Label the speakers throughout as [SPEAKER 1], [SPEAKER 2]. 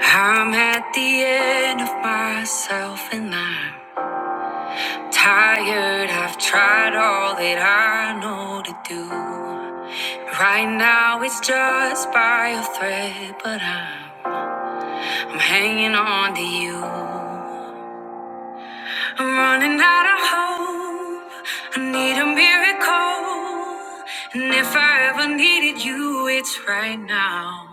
[SPEAKER 1] I'm at the end of myself and I'm tired. I've tried all that I know to do. Right now it's just by a thread, but I'm, I'm hanging on to you. I'm running out of hope. I need a miracle. And if I ever needed you, it's right now.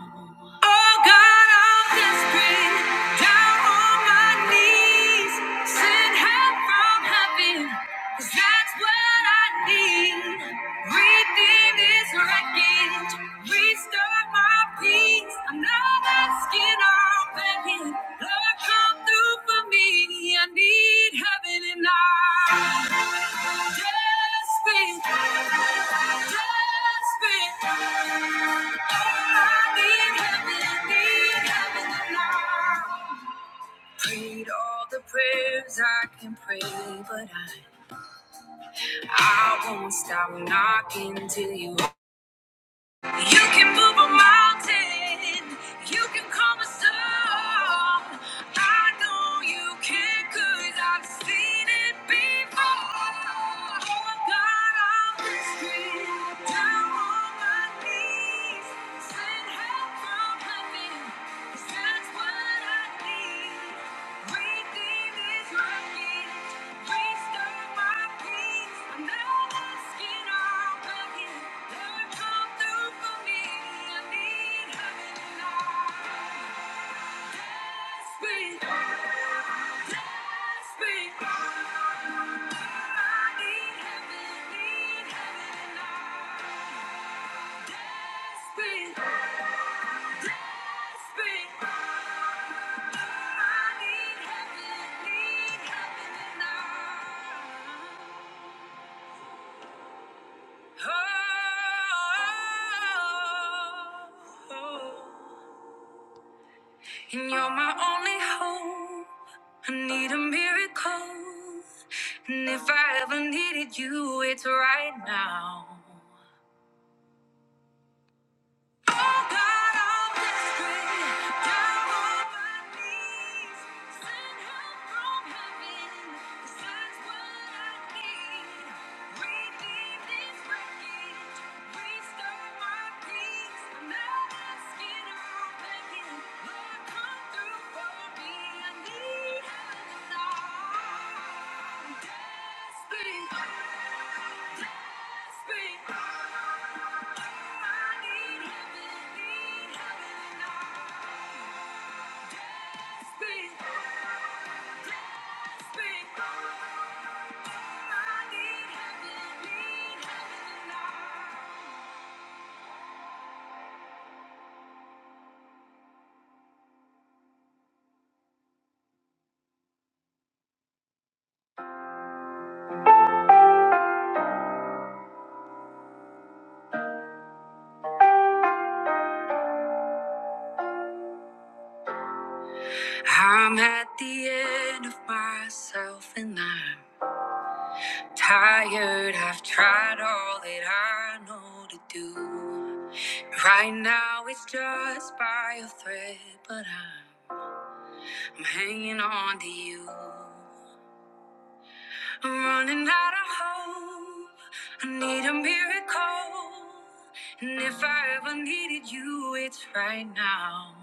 [SPEAKER 1] Oh God, I'm desperate, down on my knees. Send help from heaven. 'Cause I. That's what I need. Redeem this wreckage. Restore my peace. I'm not asking or begging. Lord, come through for me. I need heaven and I. Desperate, desperate. I need heaven, need heaven and Prayed all the prayers I can pray, but I. I won't stop knocking till you. You can move a mountain. You can calm a storm. I know you can, cause I've seen it before. Oh God, I'm desperate. Down on my knees. Said, Desperate, desperate. And you're my only hope. I need a miracle. And if I ever needed you, it's right now. Oh God, I'm desperate, down on my knees. Send help from heaven, 'cause that's what I need. Redeem this wreckage, restore my peace. I'm not asking, i begging. Lord, come through for me. I need help I'm desperate. I'm at the end of myself and I'm tired. I've tried all that I know to do. Right now it's just by a thread, but I'm. I'm hanging on to you. I'm running out of hope. I need a miracle. And if I ever needed you, it's right now.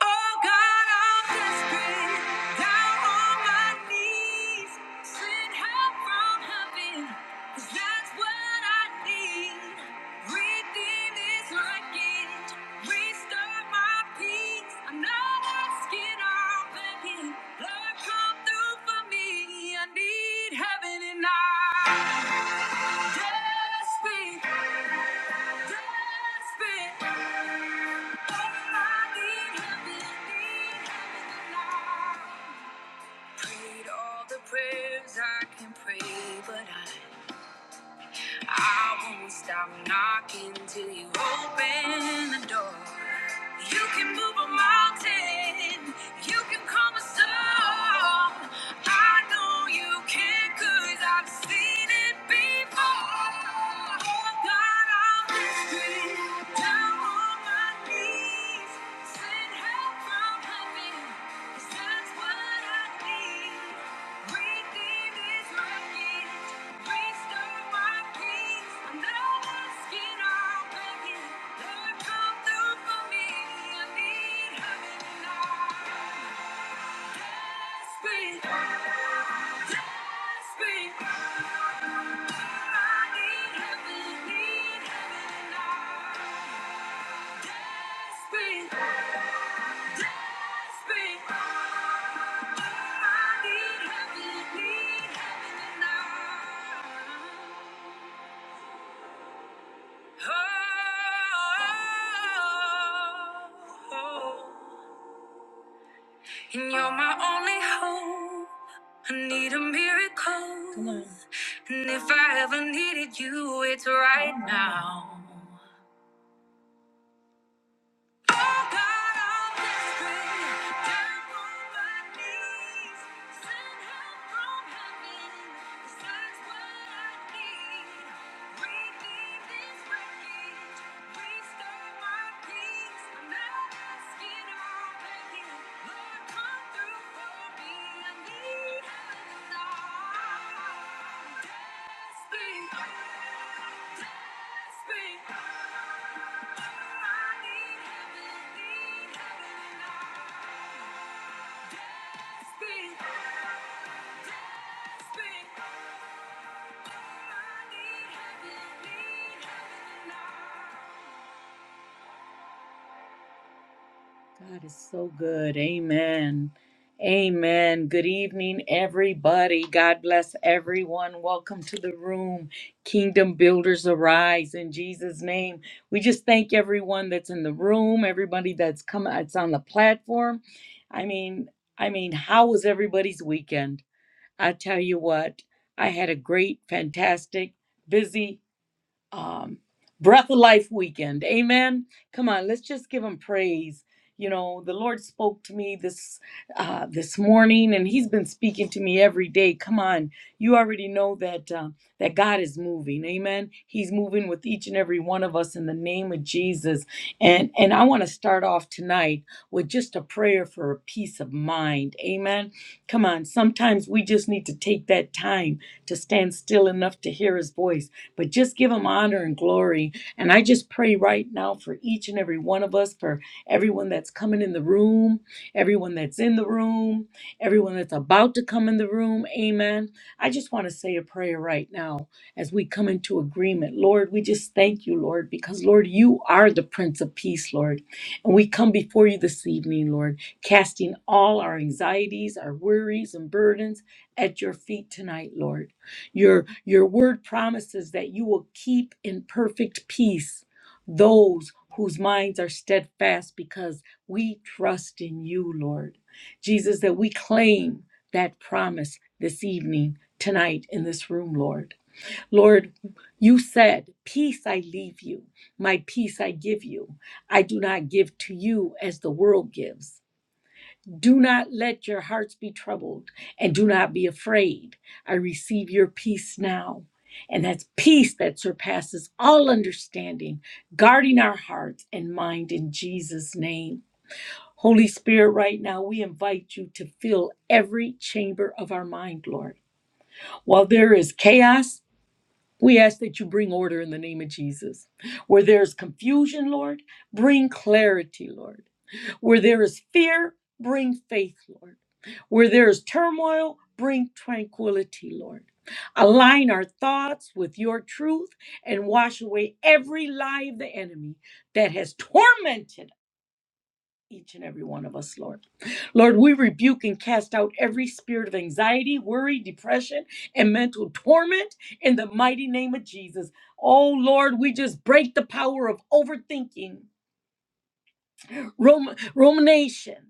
[SPEAKER 1] Oh God, I'm desperate. Down on my knees. Send help from heaven. 'cause that's what I need like need heaven and I. Desperate, desperate. Oh, I need heaven, heaven and I. Prayed all the prayers I can pray, but I I won't stop knocking till you open the door. You can move a mountain, you can calm a storm. I know you can, cause I've seen it before. Oh God, I'm listening down on my knees. saying, Desperate, desperate. And you're my only hope. I need a miracle. Come on. And if I ever needed you, it's right now. Speak. Speak. Speak. I need heaven, need heaven now. God is so good. Amen. Amen. Good evening, everybody. God bless everyone. Welcome to the room. Kingdom Builders Arise in Jesus' name. We just thank everyone that's in the room, everybody that's come that's on the platform. I mean, I mean, how was everybody's weekend? I tell you what, I had a great, fantastic, busy um, Breath of Life weekend. Amen. Come on, let's just give him praise. You know, the Lord spoke to me this uh, this morning, and He's been speaking to me every day. Come on, you already know that uh, that God is moving. Amen. He's moving with each and every one of us in the name of Jesus. And and I want to start off tonight with just a prayer for a peace of mind. Amen. Come on, sometimes we just need to take that time to stand still enough to hear His voice but just give him honor and glory. And I just pray right now for each and every one of us, for everyone that's coming in the room, everyone that's in the room, everyone that's about to come in the room. Amen. I just want to say a prayer right now as we come into agreement. Lord, we just thank you, Lord, because, Lord, you are the Prince of Peace, Lord. And we come before you this evening, Lord, casting all our anxieties, our worries, and burdens at your feet tonight, Lord. Your your word promises that you will keep in perfect peace those whose minds are steadfast because we trust in you, Lord. Jesus, that we claim that promise this evening, tonight in this room, Lord. Lord, you said, "Peace I leave you, my peace I give you. I do not give to you as the world gives." Do not let your hearts be troubled and do not be afraid. I receive your peace now. And that's peace that surpasses all understanding, guarding our hearts and mind in Jesus' name. Holy Spirit, right now we invite you to fill every chamber of our mind, Lord. While there is chaos, we ask that you bring order in the name of Jesus. Where there is confusion, Lord, bring clarity, Lord. Where there is fear, bring faith, Lord. Where there is turmoil, bring tranquility, Lord. Align our thoughts with your truth and wash away every lie of the enemy that has tormented each and every one of us, Lord. Lord, we rebuke and cast out every spirit of anxiety, worry, depression, and mental torment in the mighty name of Jesus. Oh, Lord, we just break the power of overthinking, rum- rumination,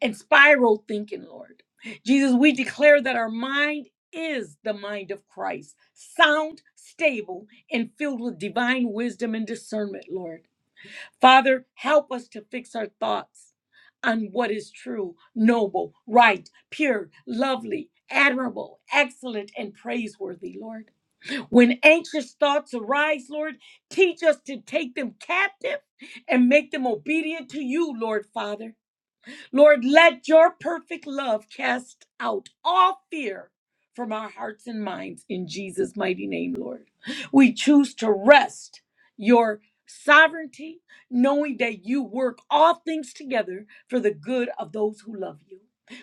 [SPEAKER 1] and spiral thinking, Lord. Jesus, we declare that our mind is the mind of Christ, sound, stable, and filled with divine wisdom and discernment, Lord. Father, help us to fix our thoughts on what is true, noble, right, pure, lovely, admirable, excellent, and praiseworthy, Lord. When anxious thoughts arise, Lord, teach us to take them captive and make them obedient to you, Lord Father. Lord, let your perfect love cast out all fear from our hearts and minds in Jesus' mighty name, Lord. We choose to rest your sovereignty, knowing that you work all things together for the good of those who love you.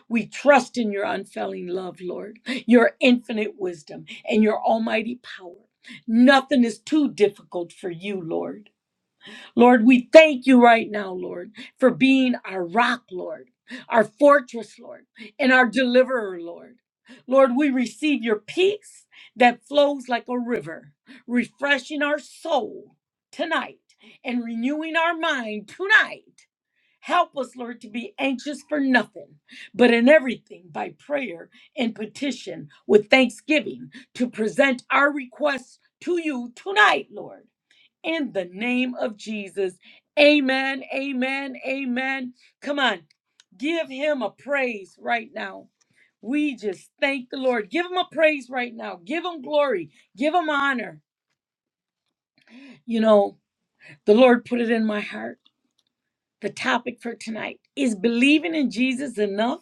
[SPEAKER 1] We trust in your unfailing love, Lord, your infinite wisdom, and your almighty power. Nothing is too difficult for you, Lord. Lord, we thank you right now, Lord, for being our rock, Lord, our fortress, Lord, and our deliverer, Lord. Lord, we receive your peace that flows like a river, refreshing our soul tonight and renewing our mind tonight. Help us, Lord, to be anxious for nothing, but in everything by prayer and petition with thanksgiving to present our requests to you tonight, Lord in the name of Jesus. Amen, amen, amen. Come on, give him a praise right now. We just thank the Lord. Give him a praise right now. Give him glory. Give him honor. You know, the Lord put it in my heart. The topic for tonight is believing in Jesus enough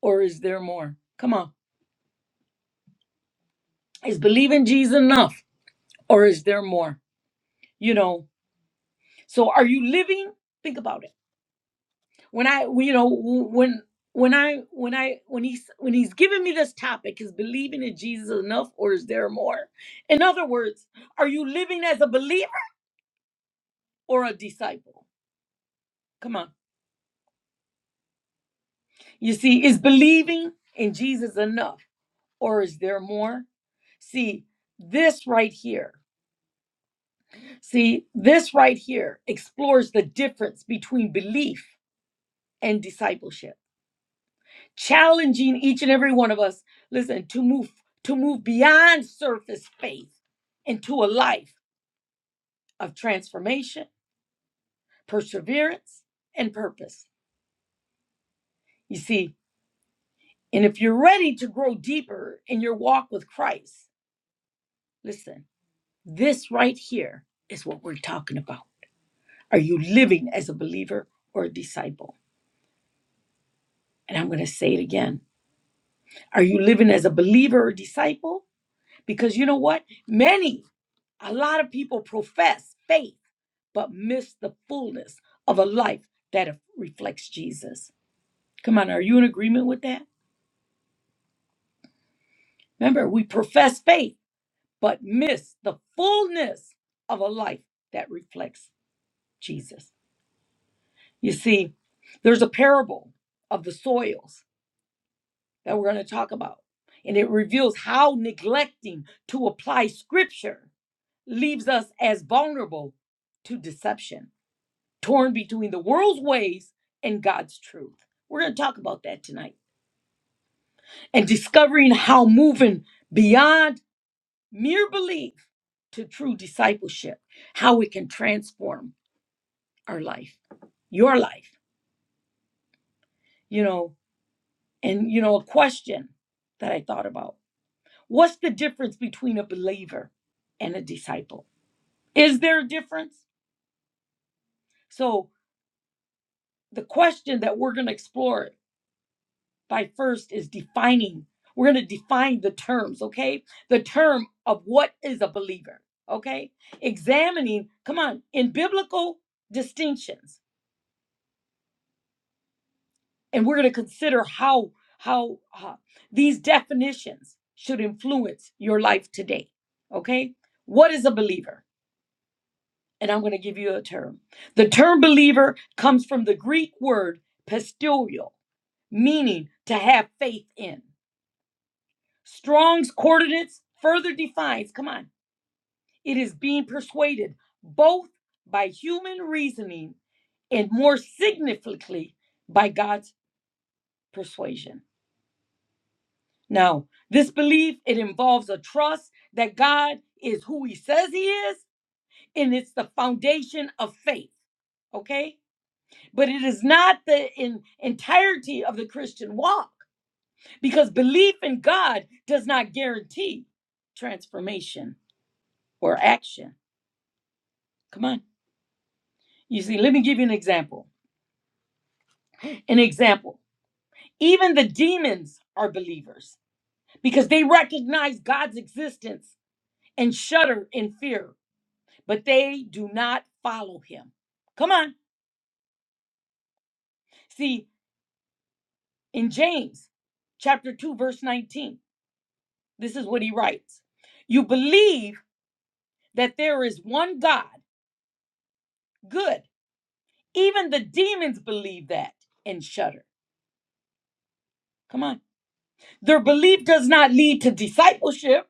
[SPEAKER 1] or is there more? Come on. Is believing Jesus enough or is there more? You know, so are you living? Think about it. when I, you know, when when I when I when he's when he's giving me this topic is believing in Jesus enough or is there more? In other words, are you living as a believer or a disciple? Come on. You see, is believing in Jesus enough or is there more? See, this right here. See, this right here explores the difference between belief and discipleship. challenging each and every one of us listen to move to move beyond surface faith into a life of transformation perseverance and purpose you see and if you're ready to grow deeper in your walk with christ listen this right here is what we're talking about are you living as a believer or a disciple and i'm going to say it again are you living as a believer or disciple because you know what many a lot of people profess faith but miss the fullness of a life that reflects Jesus. Come on, are you in agreement with that? Remember, we profess faith, but miss the fullness of a life that reflects Jesus. You see, there's a parable of the soils that we're going to talk about, and it reveals how neglecting to apply scripture leaves us as vulnerable to deception, torn between the world's ways and God's truth. We're going to talk about that tonight. and discovering how moving beyond mere belief to true discipleship, how it can transform our life, your life, you know. And, you know, a question that I thought about what's the difference between a believer and a disciple? Is there a difference? So, the question that we're going to explore by first is defining. We're going to define the terms, okay? The term of what is a believer, okay? Examining, come on, in biblical distinctions, and we're going to consider how how uh, these definitions should influence your life today, okay? What is a believer? And I'm going to give you a term. The term believer comes from the Greek word pistilio, meaning to have faith in. Strong's coordinates further defines, come on, it is being persuaded both by human reasoning and more significantly by God's persuasion. Now, this belief it involves a trust that God is who he says he is and it's the foundation of faith, okay? But it is not the in, entirety of the Christian walk because belief in God does not guarantee transformation or action. Come on. You see, let me give you an example. An example. Even the demons are believers because they recognize God's existence and shudder in fear, but they do not follow him. Come on. See, in James chapter 2 verse 19, this is what he writes. You believe that there is one God. Good. Even the demons believe that and shudder. Come on. Their belief does not lead to discipleship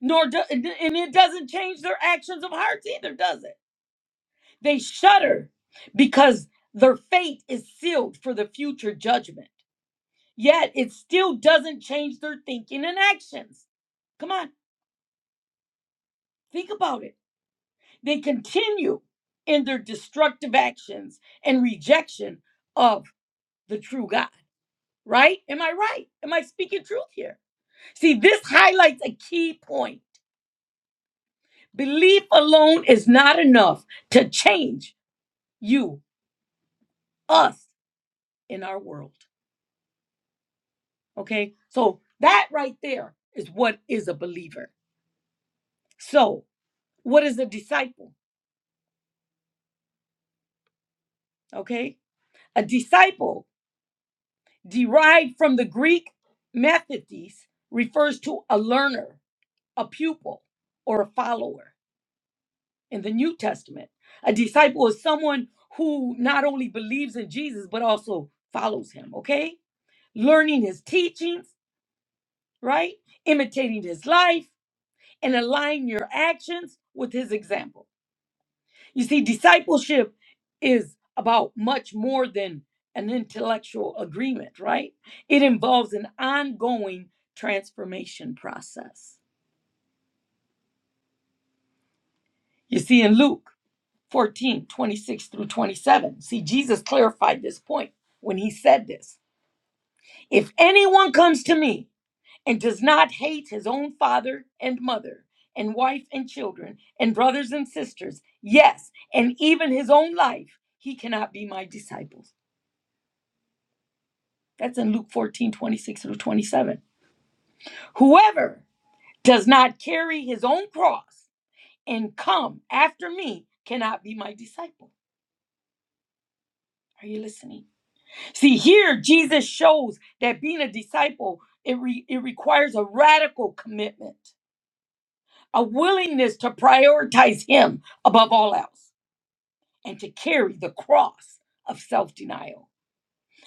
[SPEAKER 1] nor do, and it doesn't change their actions of hearts either, does it? They shudder because their fate is sealed for the future judgment. Yet it still doesn't change their thinking and actions. Come on, think about it. They continue in their destructive actions and rejection of the true God, right? Am I right? Am I speaking truth here? See, this highlights a key point. Belief alone is not enough to change you us in our world. Okay. So that right there is what is a believer. So, what is a disciple? Okay. A disciple, derived from the Greek methodis, refers to a learner, a pupil, or a follower in the New Testament. A disciple is someone who not only believes in Jesus, but also follows him. Okay. Learning his teachings, right? Imitating his life and align your actions with his example. You see, discipleship is about much more than an intellectual agreement, right? It involves an ongoing transformation process. You see, in Luke 14 26 through 27, see, Jesus clarified this point when he said this If anyone comes to me, and does not hate his own father and mother and wife and children and brothers and sisters, yes, and even his own life, he cannot be my disciples. That's in Luke 14 26 through 27. Whoever does not carry his own cross and come after me cannot be my disciple. Are you listening? See, here Jesus shows that being a disciple, it, re- it requires a radical commitment a willingness to prioritize Him above all else and to carry the cross of self denial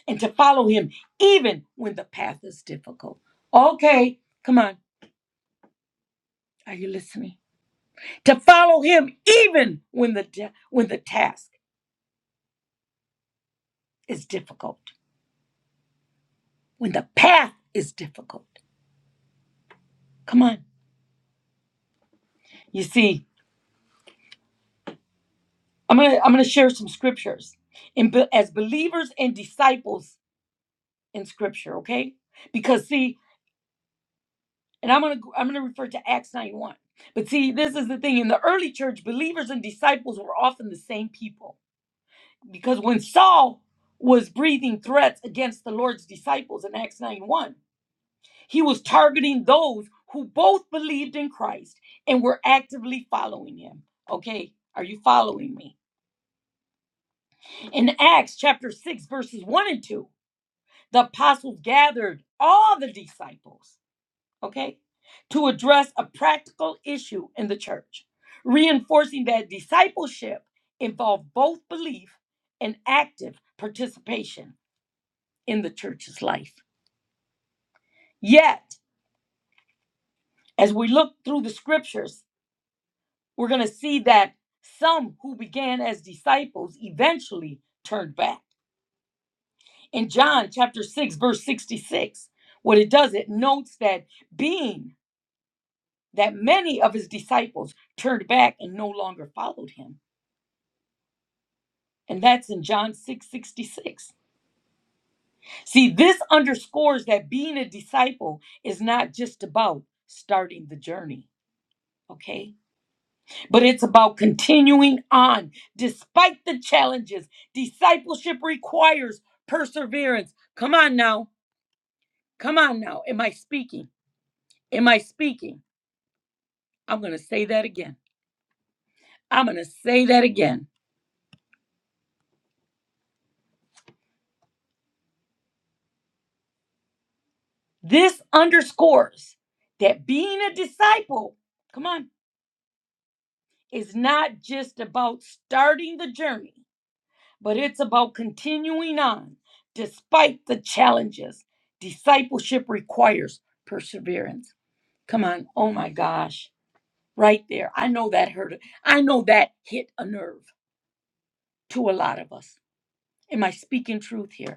[SPEAKER 1] and to follow Him even when the path is difficult. Okay, come on. Are you listening? To follow Him even when the, di- when the task is difficult, when the path is difficult. Come on. You see, I'm going to I'm going to share some scriptures in, be- as believers and disciples in scripture, okay? Because see, and I'm gonna I'm gonna refer to Acts 91. But see, this is the thing. In the early church, believers and disciples were often the same people. Because when Saul was breathing threats against the Lord's disciples in Acts 91, he was targeting those who both believed in Christ and were actively following him. Okay, are you following me? In Acts chapter 6, verses 1 and 2, the apostles gathered all the disciples okay, to address a practical issue in the church, reinforcing that discipleship involved both belief and active participation in the church's life. Yet, as we look through the scriptures, we're going to see that some who began as disciples eventually turned back. In John chapter 6, verse 66, what it does, it notes that being that many of his disciples turned back and no longer followed him And that's in John 6:66. See, this underscores that being a disciple is not just about starting the journey, okay? But it's about continuing on despite the challenges. Discipleship requires perseverance. Come on now. Come on now. Am I speaking? Am I speaking? I'm going to say that again. I'm going to say that again. This underscores that being a disciple, come on It's not just about starting the journey, but it's about continuing on despite the challenges. Discipleship requires perseverance. Come on. Oh my gosh. Right there. I know that hurt. I know that hit a nerve to a lot of us. Am I speaking truth here?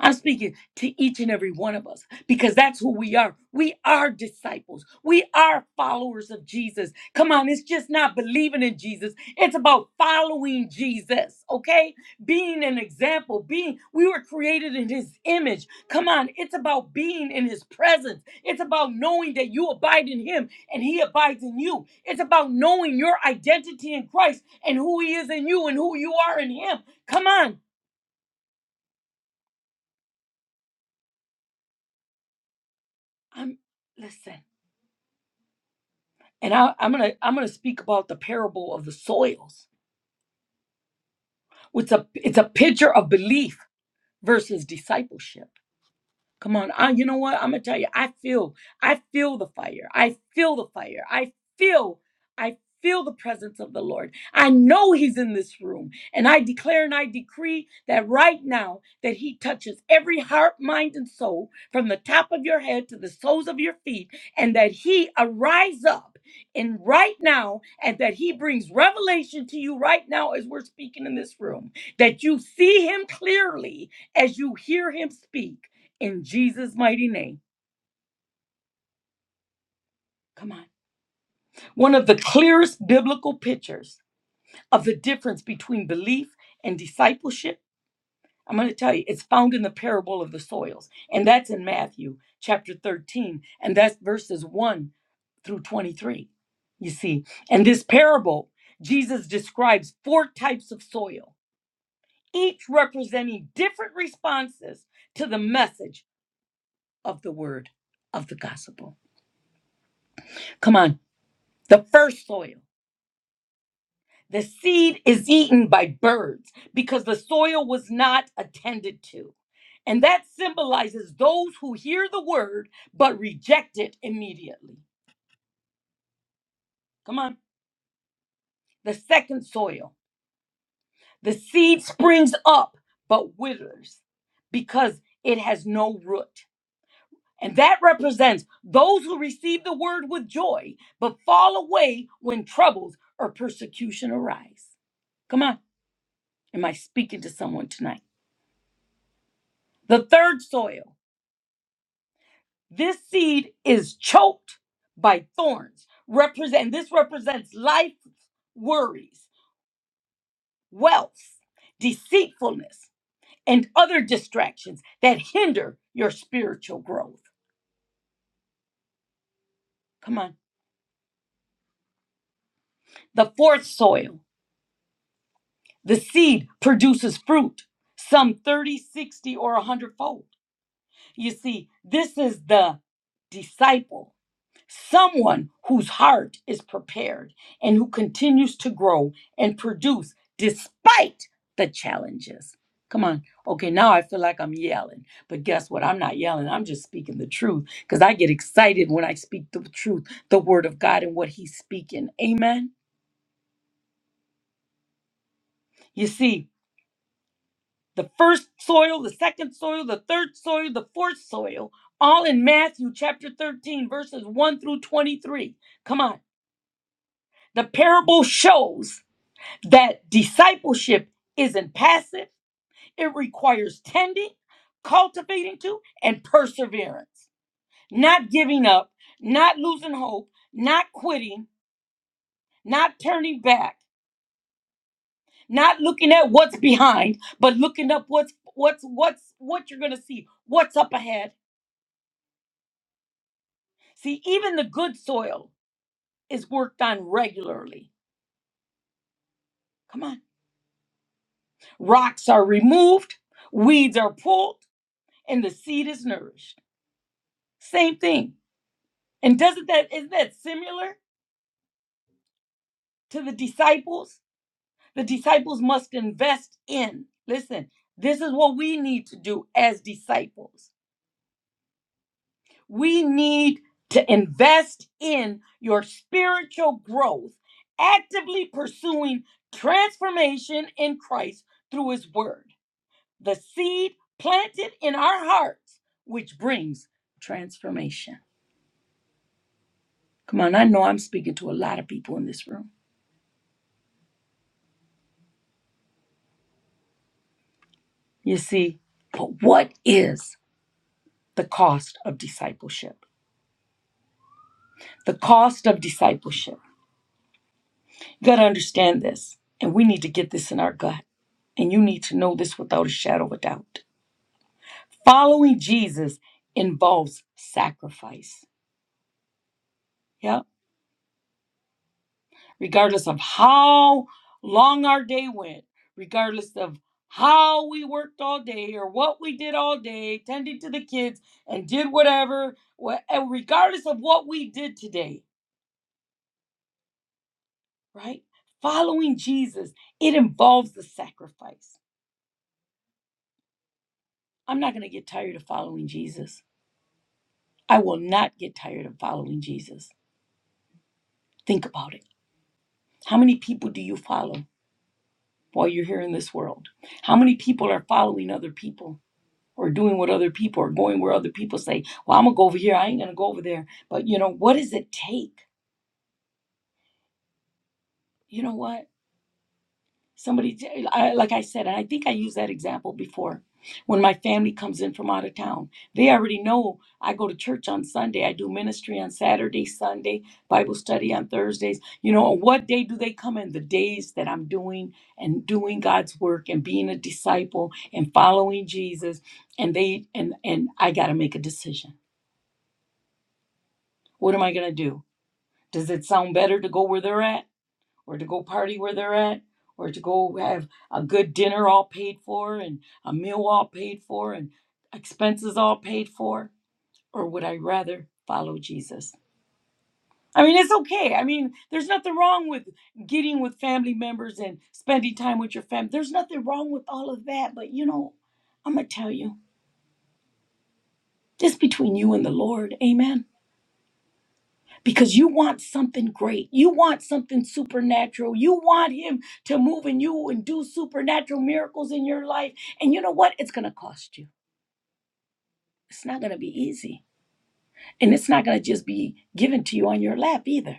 [SPEAKER 1] I'm speaking to each and every one of us because that's who we are. We are disciples. We are followers of Jesus. Come on, it's just not believing in Jesus. It's about following Jesus, okay? Being an example, being we were created in his image. Come on, it's about being in his presence. It's about knowing that you abide in him and he abides in you. It's about knowing your identity in Christ and who he is in you and who you are in him. Come on. I'm listen. and I, I'm gonna I'm gonna speak about the parable of the soils. It's a it's a picture of belief versus discipleship. Come on. I, you know what? I'm gonna tell you. I feel. I feel the fire. I feel the fire. I feel. I feel the presence of the Lord. I know He's in this room, and I declare and I decree that right now that He touches every heart, mind, and soul from the top of your head to the soles of your feet, and that He arise up. And right now, and that he brings revelation to you right now as we're speaking in this room, that you see him clearly as you hear him speak in Jesus' mighty name. Come on. One of the clearest biblical pictures of the difference between belief and discipleship, I'm going to tell you, it's found in the parable of the soils. And that's in Matthew chapter 13, and that's verses 1 through 23. You see, in this parable, Jesus describes four types of soil, each representing different responses to the message of the word of the gospel. Come on. The first soil. The seed is eaten by birds because the soil was not attended to. And that symbolizes those who hear the word but reject it immediately. Come on. The second soil. The seed springs up but withers because it has no root. And that represents those who receive the word with joy but fall away when troubles or persecution arise. Come on. Am I speaking to someone tonight? The third soil This seed is choked by thorns. Represent this represents life worries, wealth, deceitfulness, and other distractions that hinder your spiritual growth. Come on. The fourth soil, the seed produces fruit, some 30, 60, or 100 fold. You see, this is the disciple Someone whose heart is prepared and who continues to grow and produce despite the challenges. Come on. Okay, now I feel like I'm yelling. But guess what? I'm not yelling. I'm just speaking the truth because I get excited when I speak the truth, the word of God, and what He's speaking. Amen. You see, the first soil, the second soil, the third soil, the fourth soil, all in Matthew chapter 13, verses 1 through 23. Come on. The parable shows. that discipleship isn't passive, it requires tending, cultivating to, and perseverance. Not giving up, not losing hope, not quitting, not turning back, not looking at what's behind, but looking up what's what's what's what you're going to see, what's up ahead. See, even the good soil is worked on regularly. Come on. Rocks are removed, weeds are pulled, and the seed is nourished. Same thing. And doesn't that isn't that similar to the disciples? The disciples must invest in. Listen, this is what we need to do as disciples. We need to invest in your spiritual growth, actively pursuing transformation in Christ through his word. The seed planted in our hearts which brings transformation. Come on, I know I'm speaking to a lot of people in this room. You see, but what is the cost of discipleship. The cost of discipleship. You got to understand this, and we need to get this in our gut. And you need to know this without a shadow of a doubt. Following Jesus involves sacrifice. Yeah. Regardless of how long our day went, regardless of how we worked all day or what we did all day, tended to the kids and did whatever, wha- and regardless of what we did today, right? Following Jesus, it involves the sacrifice. I'm not going to get tired of following Jesus. I will not get tired of following Jesus. Think about it. How many people do you follow while you're here in this world? How many people are following other people or doing what other people are going where other people say, Well, I'm going to go over here. I ain't going to go over there. But you know, what does it take? You know what? Somebody, j- I, like I said, and I think I used that example before. When my family comes in from out of town, they already know I go to church on Sunday. I do ministry on Saturday, Sunday, Bible study on Thursdays. You know, what day do they come in? The days that I'm doing and doing God's work and being a disciple and following Jesus. And they and and I got to make a decision. What am I going to do? Does it sound better to go where they're at? or to go party where they're at or to go have a good dinner all paid for and a meal all paid for and expenses all paid for or would i rather follow jesus i mean it's okay i mean there's nothing wrong with getting with family members and spending time with your family there's nothing wrong with all of that but you know i'm gonna tell you just between you and the lord amen because you want something great. You want something supernatural. You want Him to move in you and do supernatural miracles in your life. And you know what? It's going to cost you. It's not going to be easy. And it's not going to just be given to you on your lap either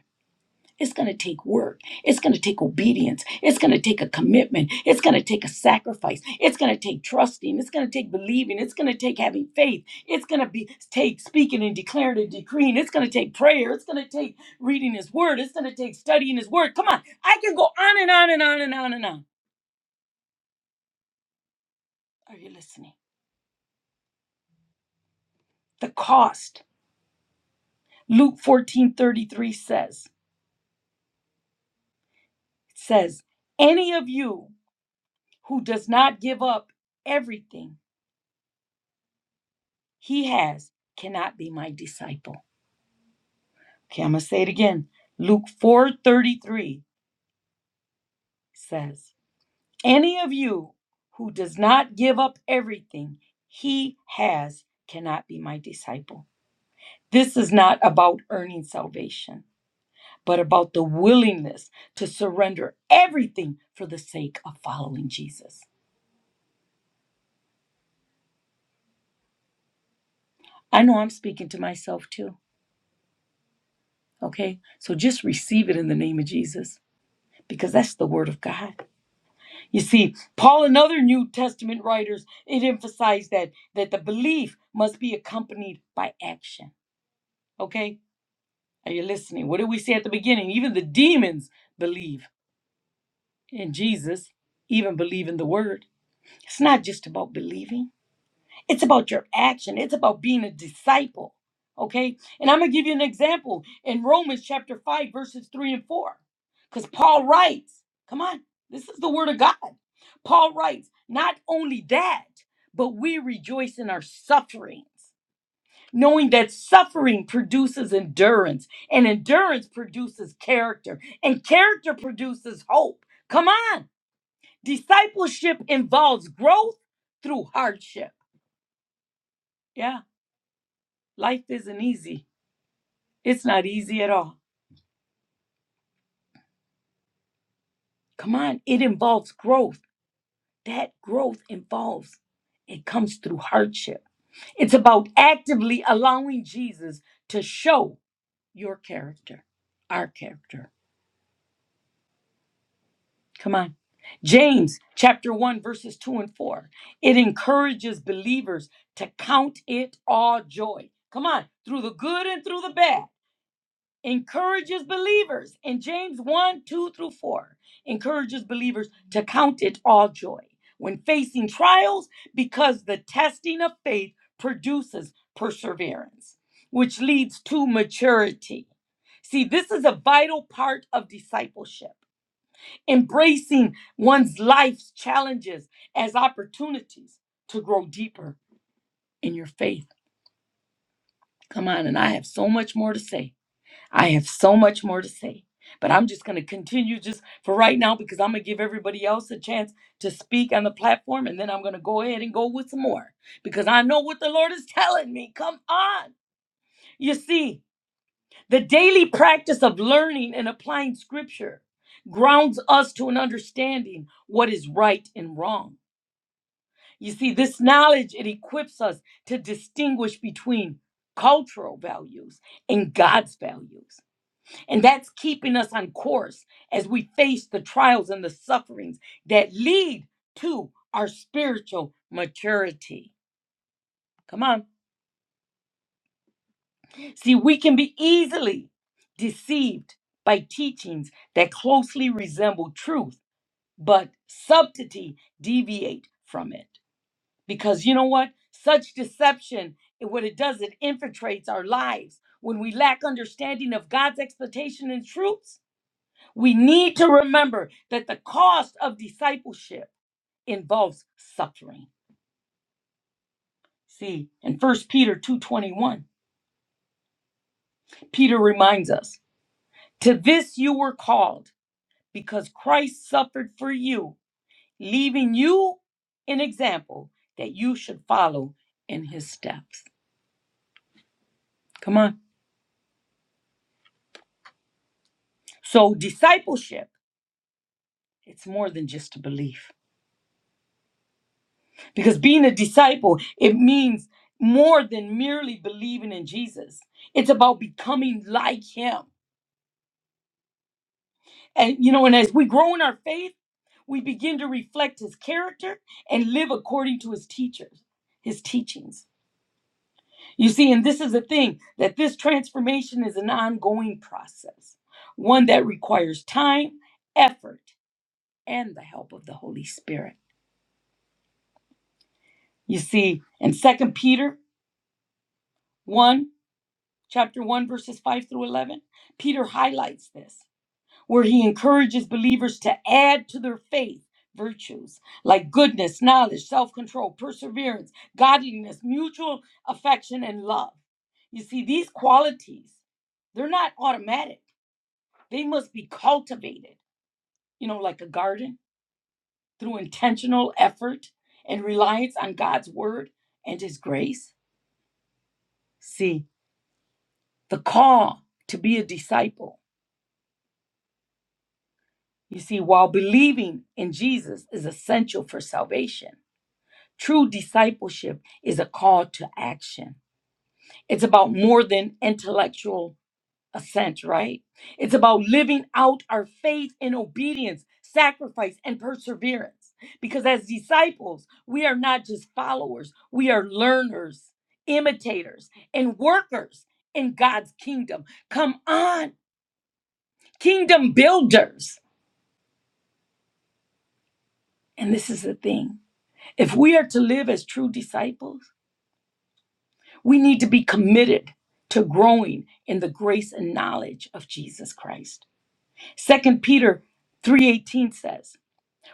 [SPEAKER 1] it's going to take work. It's going to take obedience. It's going to take a commitment. It's going to take a sacrifice. It's going to take trusting. It's going to take believing. It's going to take having faith. It's going to be take speaking and declaring and decreeing. It's going to take prayer. It's going to take reading his word. It's going to take studying his word. Come on. I can go on and on and on and on and on. Are you listening? The cost. Luke 14:33 says says, "Any of you who does not give up everything he has cannot be my disciple. Okay, I'm going to say it again. Luke 4:33 says, "Any of you who does not give up everything he has cannot be my disciple." This is not about earning salvation, but about the willingness to surrender everything for the sake of following Jesus. I know I'm speaking to myself too, okay? So just receive it in the name of Jesus because that's the word of God. You see, Paul and other New Testament writers, it emphasized that that the belief must be accompanied by action. Okay? Are you listening? What did we say at the beginning? Even the demons believe in Jesus, even believe in the word. It's not just about believing. It's about your action. It's about being a disciple. Okay? And I'm going to give you an example in Romans chapter 5, verses 3 and 4. Because Paul writes, come on, this is the word of God. Paul writes, not only that, but we rejoice in our sufferings, knowing that suffering produces endurance, and endurance produces character, and character produces hope. Come on. Discipleship involves growth through hardship. Yeah. Life isn't easy. It's not easy at all. Come on, it involves growth. That growth involves, it comes through hardship. It's about actively allowing Jesus to show your character, our character. Come on. James chapter 1, verses 2 and 4. It encourages believers to count it all joy. Come on, through the good and through the bad. encourages believers in James 1 2 through 4, encourages believers to count it all joy when facing trials because the testing of faith produces perseverance, which leads to maturity. See, this is a vital part of discipleship, embracing one's life's challenges as opportunities to grow deeper in your faith. Come on, and I have so much more to say. I have so much more to say, but I'm just going to continue just for right now because I'm going to give everybody else a chance to speak on the platform and then I'm going to go ahead and go with some more because I know what the Lord is telling me. Come on. You see, the daily practice of learning and applying scripture grounds us to an understanding what is right and wrong. You see, this knowledge it equips us to distinguish between cultural values and God's values. And that's keeping us on course as we face the trials and the sufferings that lead to our spiritual maturity. Come on. See, we can be easily deceived by teachings that closely resemble truth, but subtlety deviate from it. Because you know what? Such deception, it- what it does, it infiltrates our lives. When we lack understanding of God's expectation and truths, We need to remember that the cost of discipleship involves suffering. See, in First Peter 2:21, Peter reminds us, "To this you were called, because Christ suffered for you, leaving you an example that you should follow in his steps." Come on. So discipleship, it's more than just a belief. Because being a disciple, it means more than merely believing in Jesus. It's about becoming like him. And you know, and as we grow in our faith, we begin to reflect his character and live according to his teachers, his teachings. You see, and this is the thing that this transformation is an ongoing process, one that requires time, effort, and the help of the Holy Spirit. You see, in Second Peter 1 chapter 1, verses 5 through 11, Peter highlights this, where he encourages believers to add to their faith virtues like goodness, knowledge, self control, perseverance, godliness, mutual affection, and love. You see, these qualities, they're not automatic, they must be cultivated, you know, like a garden through intentional effort and reliance on God's word and his grace. See, the call to be a disciple You see, while believing in Jesus is essential for salvation, true discipleship is a call to action. It's about more than intellectual assent, right? It's about living out our faith in obedience, sacrifice, and perseverance. Because as disciples, we are not just followers, we are learners, imitators, and workers in God's kingdom. Come on, kingdom builders. And this is the thing. If we are to live as true disciples, we need to be committed to growing in the grace and knowledge of Jesus Christ. Second Peter 3:18 says,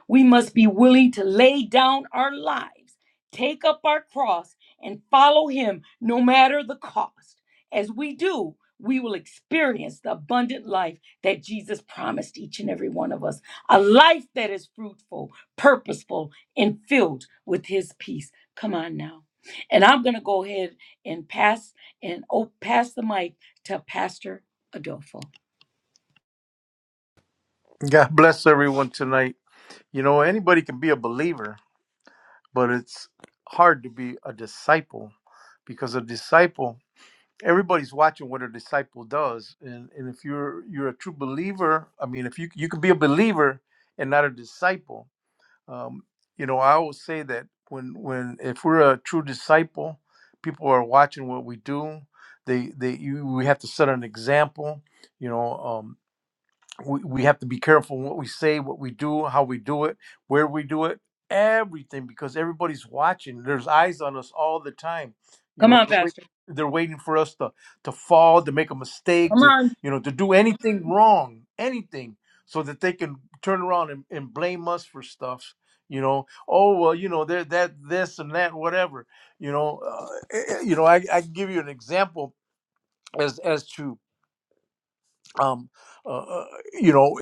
[SPEAKER 1] we must be willing to lay down our lives, take up our cross, and follow Him no matter the cost. As we do, we will experience the abundant life that Jesus promised each and every one of us a life that is fruitful, purposeful, and filled with His peace. Come on now. And I'm going to go ahead and pass and oh, pass the mic to Pastor Adolfo.
[SPEAKER 2] God bless everyone tonight. You know, anybody can be a believer, but it's hard to be a disciple because a disciple, everybody's watching what a disciple does. And, and if you're you're a true believer, I mean, if you you can be a believer and not a disciple, um, you know, I always say that when when if we're a true disciple, people are watching what we do. They they you we have to set an example. You know, um, we, we have to be careful what we say, what we do, how we do it, where we do it, everything, because everybody's watching. There's eyes on us all the time. You
[SPEAKER 1] Come
[SPEAKER 2] know,
[SPEAKER 1] on,
[SPEAKER 2] they're, wait,
[SPEAKER 1] Pastor.
[SPEAKER 2] they're waiting for us to to fall, to make a
[SPEAKER 1] Come
[SPEAKER 2] mistake, to
[SPEAKER 1] on.
[SPEAKER 2] you know, to do anything wrong, anything, so that they can turn around and, and blame us for stuff. You know, oh well, you know, they're that this and that, whatever. You know, uh, eh, eh, you know, I, I can give you an example as as to um, uh, uh, you know,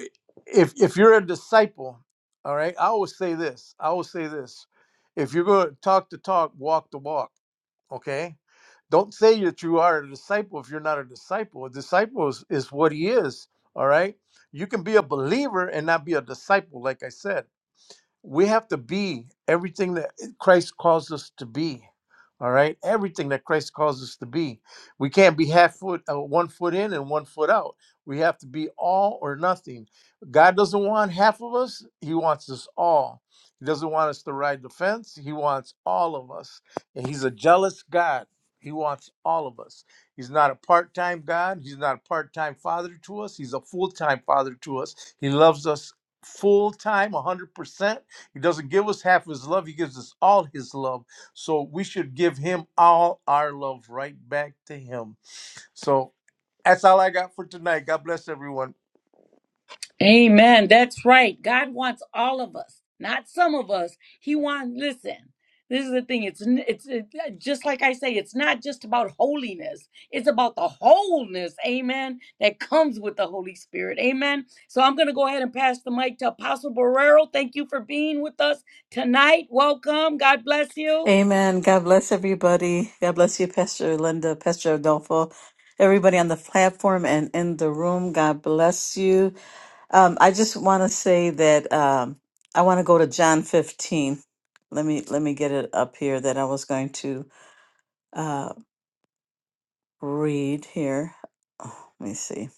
[SPEAKER 2] if if you're a disciple, all right, I always say this. I always say this: if you're going to talk the talk, walk the walk. Okay, don't say that you are a disciple if you're not a disciple. A disciple is, is what he is. All right, you can be a believer and not be a disciple, like I said we have to be everything that Christ calls us to be. All right, everything that Christ calls us to be. We can't be half foot, uh, one foot in and one foot out. We have to be all or nothing. God doesn't want half of us; He wants us all. He doesn't want us to ride the fence. He wants all of us, and He's a jealous God. He wants all of us. He's not a part time God. He's not a part time father to us. He's a full time father to us. He loves us full time, 100%. He doesn't give us half of his love, he gives us all his love. So we should give him all our love right back to him. So that's all I got for tonight. God bless everyone.
[SPEAKER 1] Amen. That's right. God wants all of us, not some of us. He wants. Listen, this is the thing. It's n- it's it, yeah, just like I say. It's not just about holiness. It's about the wholeness. Amen. That comes with the Holy Spirit. Amen. So I'm gonna go ahead and pass the mic to Apostle Barrero. Thank you for being with us tonight. Welcome. God bless you.
[SPEAKER 3] Amen. God bless everybody. God bless you, Pastor Linda, Pastor Adolfo, everybody on the platform and in the room. God bless you. Um, I just want to say that um, I want to go to John 15. Let me let me get it up here that I was going to uh, read here. Oh, let me see.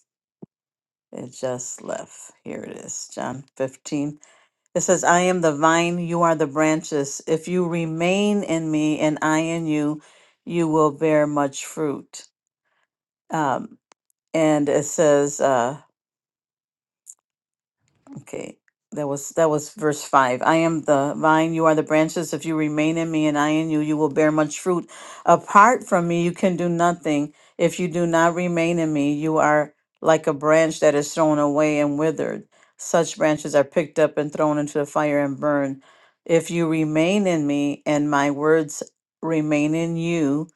[SPEAKER 3] It just left. Here it is. John 15. It says, I am the vine, you are the branches. If you remain in me and I in you, you will bear much fruit. Um, and it says, uh, Okay, that was that was verse five. I am the vine, you are the branches. If you remain in me and I in you, you will bear much fruit. Apart from me, you can do nothing. If you do not remain in me, you are like a branch that is thrown away and withered. Such branches are picked up and thrown into the fire and burned. If you remain in me and my words remain in you,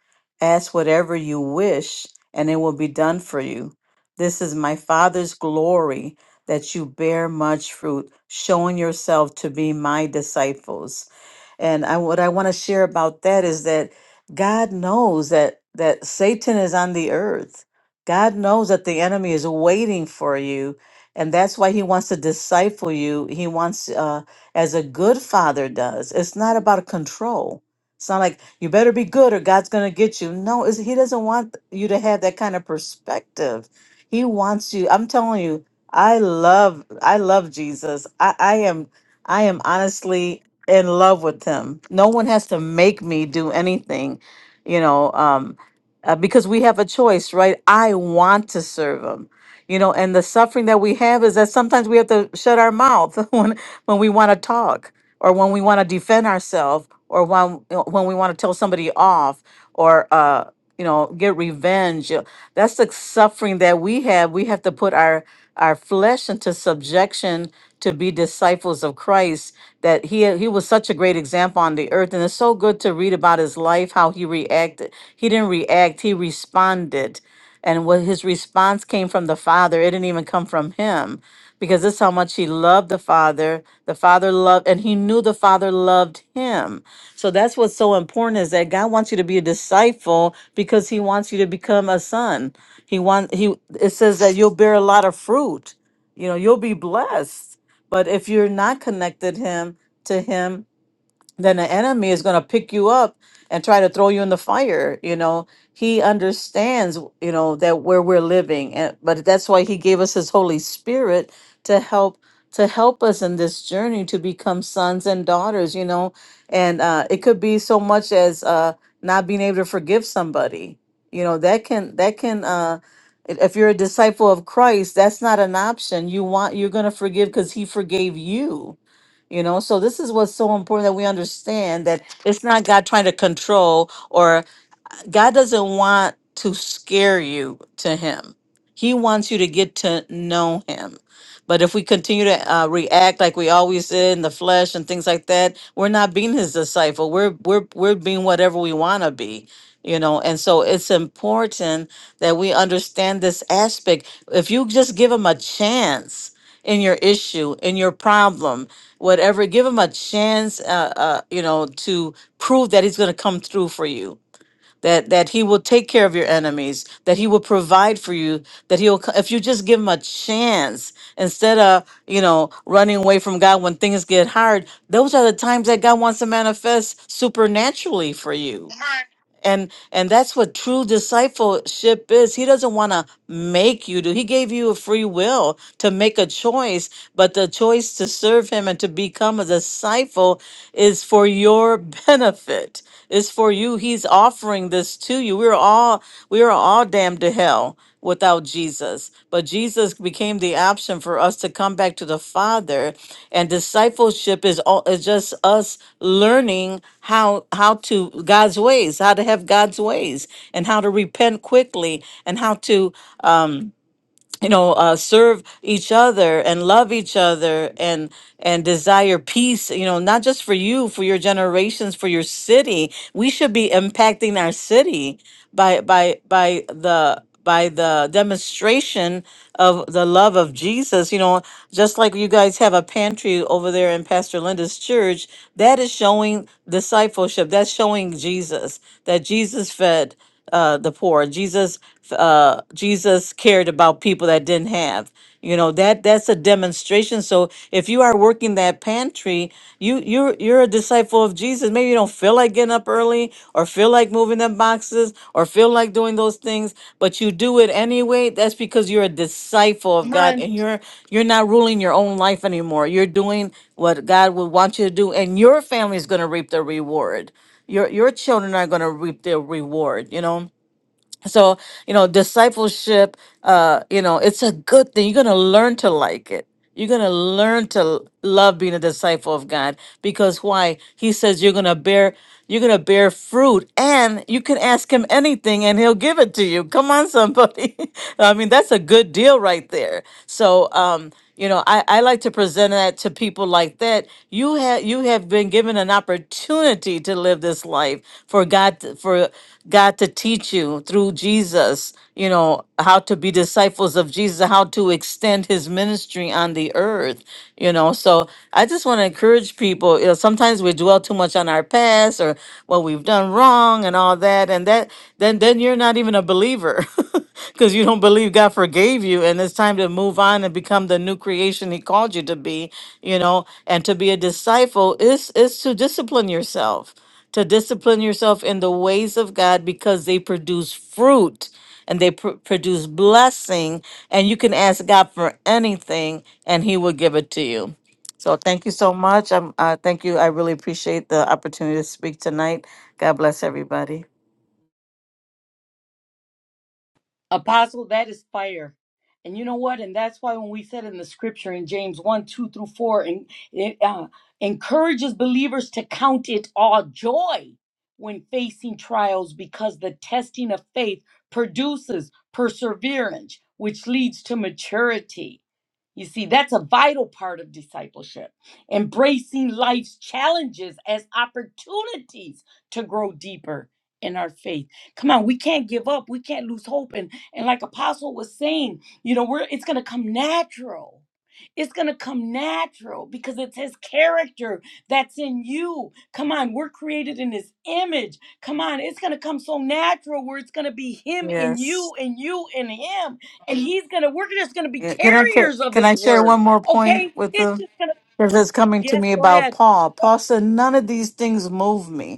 [SPEAKER 3] ask whatever you wish, and it will be done for you. This is my Father's glory that you bear much fruit, showing yourself to be my disciples. And I, what I want to share about that is that God knows that that Satan is on the earth. God knows that the enemy is waiting for you, and that's why he wants to disciple you. He wants, uh, as a good father does. It's not about control. It's not like you better be good or God's going to get you. No, it's, he doesn't want you to have that kind of perspective. He wants you. I'm telling you, I love I love Jesus. I, I am I am honestly in love with him. No one has to make me do anything, you know, um, uh, because we have a choice, right? I want to serve him. You know, and the suffering that we have is that sometimes we have to shut our mouth when when we want to talk or when we want to defend ourselves or when when we want to tell somebody off or uh you know get revenge that's the suffering that we have. We have to put our our flesh into subjection to be disciples of Christ. That he he was such a great example on the earth, and it's so good to read about his life, how he reacted. He didn't react; he responded. And what his response came from the Father, it didn't even come from him because this is how much he loved the Father. The Father loved, and he knew the Father loved him. So that's what's so important is that God wants you to be a disciple because he wants you to become a son. He wants, he, it says that you'll bear a lot of fruit. You know, you'll be blessed. But if you're not connected him to him, then the enemy is going to pick you up and try to throw you in the fire you know he understands you know that where we're living and but that's why he gave us his holy spirit to help to help us in this journey to become sons and daughters you know and uh, it could be so much as uh, not being able to forgive somebody you know that can that can uh if if you're a disciple of christ that's not an option you want you're going to forgive because he forgave you you know so this is what's so important that we understand that it's not god trying to control or God doesn't want to scare you to Him. He wants you to get to know Him. But if we continue to uh, react like we always did in the flesh and things like that, we're not being His disciple. We're we're we're being whatever we want to be, you know. And so it's important that we understand this aspect. If you just give Him a chance in your issue, in your problem, whatever, give Him a chance, uh, uh, you know, to prove that He's going to come through for you that that he will take care of your enemies that he will provide for you that he'll co- if you just give him a chance instead of you know running away from god when things get hard those are the times that god wants to manifest supernaturally for you and and that's what true discipleship is he doesn't want to make you do he gave you a free will to make a choice but the choice to serve him and to become a disciple is for your benefit It's for you he's offering this to you we're all we are all damned to hell without Jesus. But Jesus became the option for us to come back to the Father, and discipleship is all is just us learning how how to God's ways, how to have God's ways, and how to repent quickly, and how to um, you know uh, serve each other and love each other and and desire peace you know not just for you for your generations for your city we should be impacting our city by by by the by the demonstration of the love of Jesus, you know, just like you guys have a pantry over there in Pastor Linda's church, that is showing discipleship. That's showing Jesus that Jesus fed uh, the poor. Jesus, uh, Jesus cared about people that didn't have. You know that that's a demonstration. So if you are working that pantry, you you're you're a disciple of Jesus. Maybe you don't feel like getting up early, or feel like moving them boxes, or feel like doing those things, but you do it anyway. That's because you're a disciple of
[SPEAKER 1] Come
[SPEAKER 3] God,
[SPEAKER 1] on.
[SPEAKER 3] and you're you're not ruling your own life anymore. You're doing what God would want you to do, and your family is going to reap the reward your your children are going to reap their reward you know so you know discipleship uh you know it's a good thing you're gonna learn to like it you're gonna learn to l- love being a disciple of god because why he says you're gonna bear you're gonna bear fruit and you can ask him anything and he'll give it to you come on somebody i mean that's a good deal right there so um you know i, I like to present that to people like that you have you have been given an opportunity to live this life for god to- for God to teach you through Jesus, you know, how to be disciples of Jesus, how to extend his ministry on the earth, you know. So I just want to encourage people, you know, sometimes we dwell too much on our past or what we've done wrong and all that. And that then then you're not even a believer. Because you don't believe God forgave you, and it's time to move on and become the new creation He called you to be, you know, and to be a disciple is is to discipline yourself to discipline yourself in the ways of God because they produce fruit and they pr- produce blessing. And you can ask God for anything and He will give it to you. So thank you so much. I'm, uh, thank you. I really appreciate the opportunity to speak tonight. God bless everybody.
[SPEAKER 1] Apostle, that is fire. And you know what? And that's why when we said in the scripture in James 1, 2 through 4, and it uh, encourages believers to count it all joy when facing trials because the testing of faith produces perseverance, which leads to maturity. You see, that's a vital part of discipleship, embracing life's challenges as opportunities to grow deeper in our faith. Come on, we can't give up. We can't lose hope. And and like Apostle was saying, you know, we're it's gonna come natural. It's gonna come natural because it's his character that's in you. Come on, we're created in his image. Come on, it's gonna come so natural where it's gonna be him in you
[SPEAKER 3] Yes.
[SPEAKER 1] and you in him and he's gonna we're just gonna be
[SPEAKER 3] Yeah. Can I ca-
[SPEAKER 1] carriers of
[SPEAKER 3] can I
[SPEAKER 1] his
[SPEAKER 3] share
[SPEAKER 1] word
[SPEAKER 3] one more point
[SPEAKER 1] okay
[SPEAKER 3] with
[SPEAKER 1] it's
[SPEAKER 3] the
[SPEAKER 1] just gonna
[SPEAKER 3] because it's coming to
[SPEAKER 1] yes
[SPEAKER 3] me
[SPEAKER 1] go
[SPEAKER 3] about
[SPEAKER 1] ahead
[SPEAKER 3] Paul. Paul said, "None of these things move me."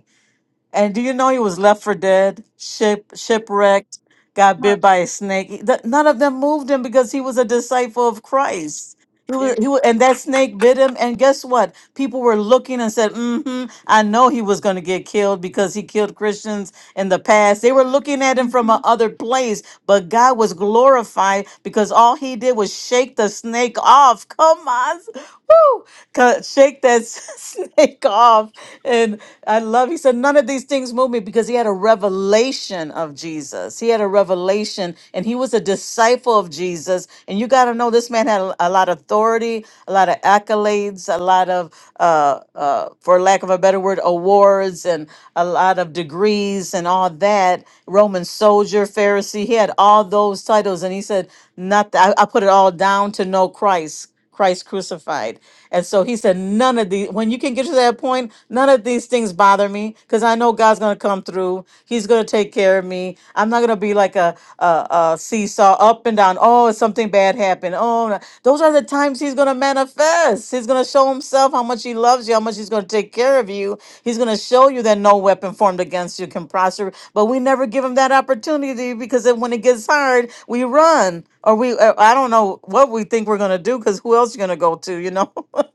[SPEAKER 3] And do you know he was left for dead, ship, shipwrecked, got
[SPEAKER 1] come on
[SPEAKER 3] bit by a snake? He- th- None of them moved him because he was a disciple of Christ. He
[SPEAKER 1] there
[SPEAKER 3] was, he was, and that snake bit him. And guess what? People were looking and said, mm-hmm, I know he was going to get killed because he killed Christians in the past. They were looking at him from a other place, but God was glorified because all he did was shake the snake off. Come on. Woo! Cut, shake that snake off. And I love, he said, none of these things move me because he had a revelation of Jesus. He had a revelation and he was a disciple of Jesus. And you got to know this man had a, a lot of authority, a lot of accolades, a lot of, uh, uh, for lack of a better word, awards and a lot of degrees and all that. Roman soldier, Pharisee, he had all those titles. And he said, not, I, I put it all down to know Christ. Christ crucified. And so he said, None of these, when you can get to that point, none of these things bother me because I know God's going to come through. He's going to take care of me. I'm not going to be like a, a, a seesaw up and down. Oh, something bad happened. Oh, no." those are the times he's going to manifest. He's going to show himself how much he loves you, how much He's going to take care of you. He's going to show you that no weapon formed against you can prosper. But we never give him that opportunity because then when it gets hard, we run or we, uh, I don't know what we think we're going to do because who else you going to go to, you know? but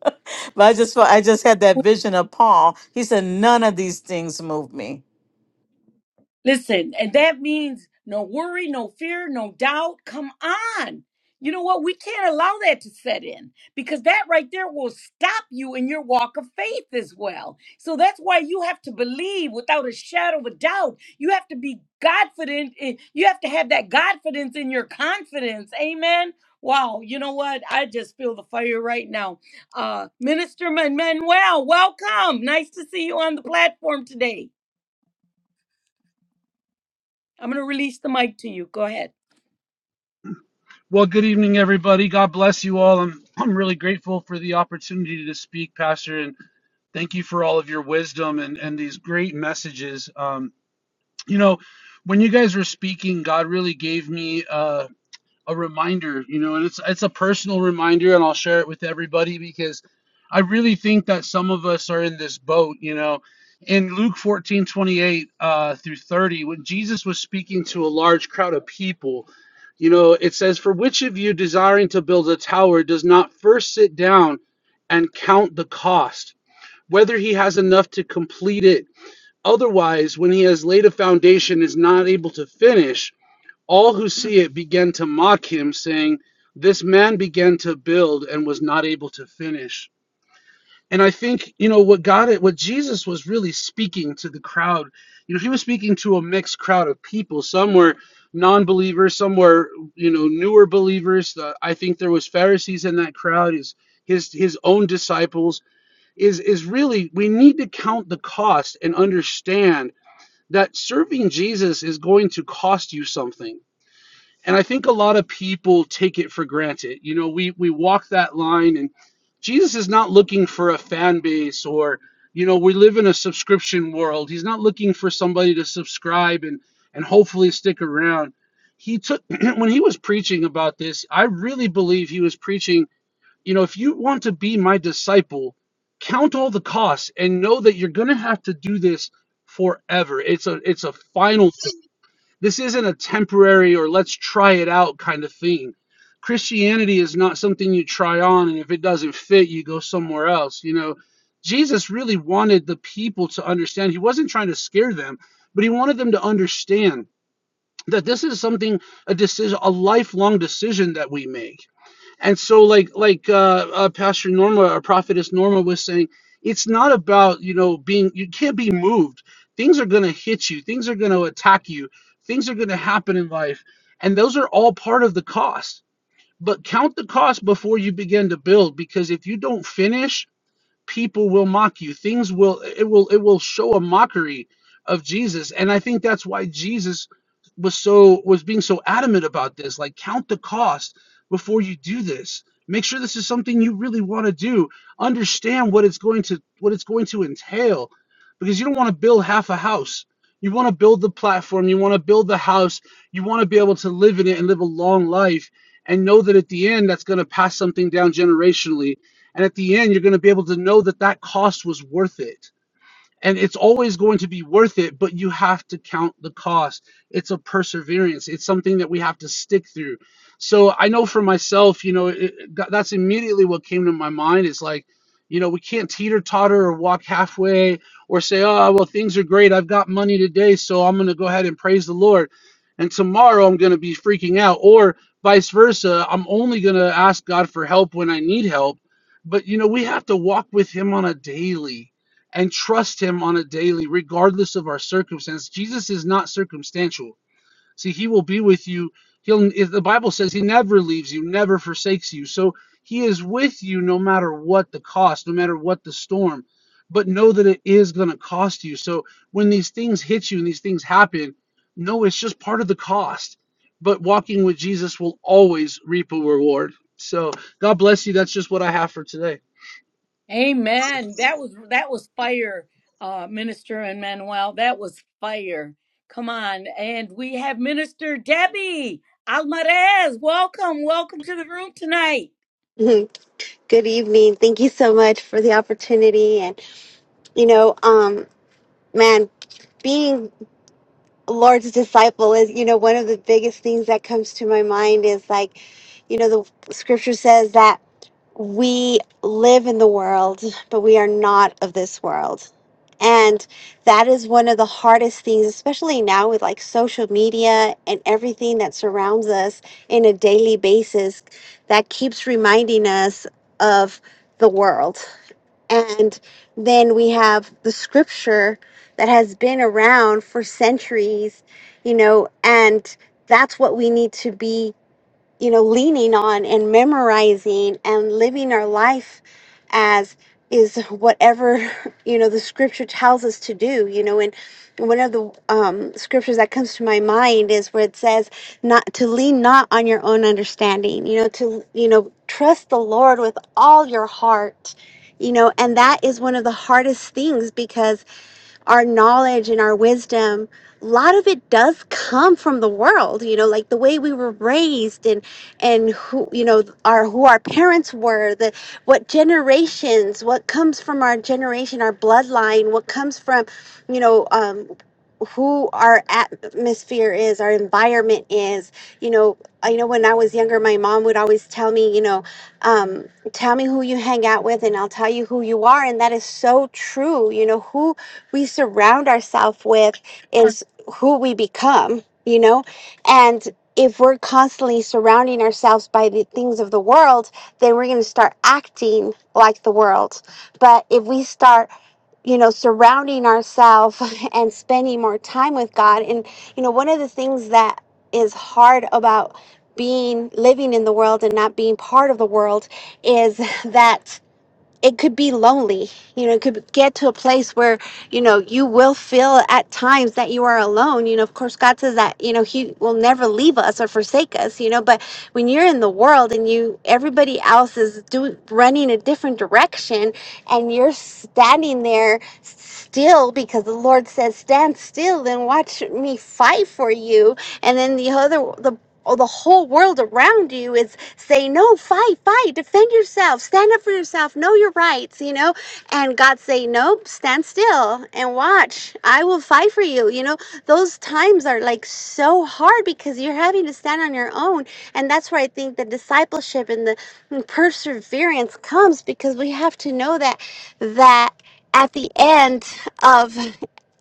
[SPEAKER 3] I just felt, I just had that vision of Paul. He said, none of these things move me.
[SPEAKER 1] Listen, and that means no worry, no fear, no doubt. Come on. You know what? We can't allow that to set in because that right there will stop you in your walk of faith as well. So that's why you have to believe without a shadow of a doubt. You have to be confident. in- You have to have that confidence in your confidence. Amen. Wow. You know what? I just feel the fire right now. Uh, Minister Man- Manuel, welcome. Nice to see you on the platform today. I'm going to release the mic to you. Go ahead.
[SPEAKER 4] Well, good evening, everybody. God bless you all. I'm I'm really grateful for the opportunity to speak, Pastor, and thank you for all of your wisdom and and these great messages. Um, you know, when you guys were speaking, God really gave me. uh a reminder, you know, and it's it's a personal reminder, and I'll share it with everybody because I really think that some of us are in this boat, you know. In Luke 14 28 uh, through 30, when Jesus was speaking to a large crowd of people, you know, it says, For which of you desiring to build a tower does not first sit down and count the cost, whether he has enough to complete it? Otherwise, when he has laid a foundation, is not able to finish. All who see it began to mock him, saying, This man began to build and was not able to finish. And I think, you know, what God, what Jesus was really speaking to the crowd, you know, he was speaking to a mixed crowd of people. Some were non believers, some were, you know, newer believers. Uh, I think there was Pharisees in that crowd, his, his, his own disciples. Is, is really, we need to count the cost and understand that serving Jesus is going to cost you something and I think a lot of people take it for granted. You know, we we walk that line, and Jesus is not looking for a fan base or you know we live in a subscription world. He's not looking for somebody to subscribe and and hopefully stick around. He took when he was preaching about this. I really believe he was preaching. You know, if you want to be my disciple, count all the costs and know that you're going to have to do this forever. It's a it's a final thing. This isn't a temporary or let's try it out kind of thing. Christianity is not something you try on, and if it doesn't fit, you go somewhere else. You know, Jesus really wanted the people to understand. He wasn't trying to scare them, but he wanted them to understand that this is something, a decision, a lifelong decision that we make. And so, like like uh, uh, Pastor Norma or Prophetess Norma was saying, it's not about you know being you can't be moved. Things are going to hit you. Things are going to attack you. Things are going to happen in life, and those are all part of the cost. But count the cost before you begin to build, because if you don't finish people will mock you things will it will it will show a mockery of jesus and i think that's why jesus was so was being so adamant about this like count the cost before you do this make sure this is something you really want to do understand what it's going to what it's going to entail because you don't want to build half a house you want to build the platform you want to build the house you want to be able to live in it and live a long life and know that at the end that's going to pass something down generationally and at the end, you're going to be able to know that that cost was worth it and it's always going to be worth it but you have to count the cost it's a perseverance it's something that we have to stick through so i know for myself you know it, it- that's immediately what came to my mind is like you know we can't teeter totter or walk halfway or say oh well things are great i've got money today so i'm going to go ahead and praise the lord and tomorrow i'm going to be freaking out or vice versa i'm only going to ask god for help when i need help but you know we have to walk with him on a daily and trust him on a daily, regardless of our circumstance. Jesus is not circumstantial. See, he will be with you. He'll if the Bible says he never leaves you, never forsakes you. So he is with you no matter what the cost, no matter what the storm. But know that it is gonna cost you. So when these things hit you and these things happen, no, it's just part of the cost. But walking with Jesus will always reap a reward. So God bless you. That's just what I have for today.
[SPEAKER 1] Amen. That was that was fire, uh, Minister and Manuel. That was fire. Come on, and we have Minister Debbie Almarez. Welcome, welcome to the room tonight.
[SPEAKER 5] Good evening. Thank you so much for the opportunity. And, you know, um, man, being Lord's disciple is, you know, one of the biggest things that comes to my mind is like, you know, the scripture says that we live in the world, but we are not of this world. And that is one of the hardest things, especially now with like social media and everything that surrounds us in a daily basis, that keeps reminding us of the world. And then we have the scripture that has been around for centuries, you know, and that's what we need to be you know, leaning on and memorizing and living our life as is whatever, you know, the scripture tells us to do, you know, and one of the um, scriptures that comes to my mind is where it says not to lean not on your own understanding, you know, to, you know, trust the Lord with all your heart, you know, and that is one of the hardest things because our knowledge and our wisdom, a lot of it does come from the world, you know, like the way we were raised and and who you know our who our parents were, the what generations, what comes from our generation, our bloodline, what comes from, you know, um, who our atmosphere is, our environment is. You know, I know when I was younger, my mom would always tell me, you know, um, tell me who you hang out with, and I'll tell you who you are, and that is so true. You know, who we surround ourselves with is who we become, you know? And if we're constantly surrounding ourselves by the things of the world, then we're going to start acting like the world. But if we start, you know, surrounding ourselves and spending more time with God, and, you know, one of the things that is hard about being living in the world and not being part of the world is that it could be lonely. You know, it could get to a place where, you know, you will feel at times that you are alone. You know, of course, God says that, you know, He will never leave us or forsake us, you know, but when you're in the world and you, everybody else is doing, running a different direction and you're standing there still because the Lord says, Stand still and watch me fight for you. And then the other, the Oh, the whole world around you is saying, No, fight, fight, defend yourself, stand up for yourself, know your rights, you know? And God say, Nope, stand still and watch. I will fight for you. You know, those times are like so hard because you're having to stand on your own. And that's where I think the discipleship and the perseverance comes because we have to know that that at the end of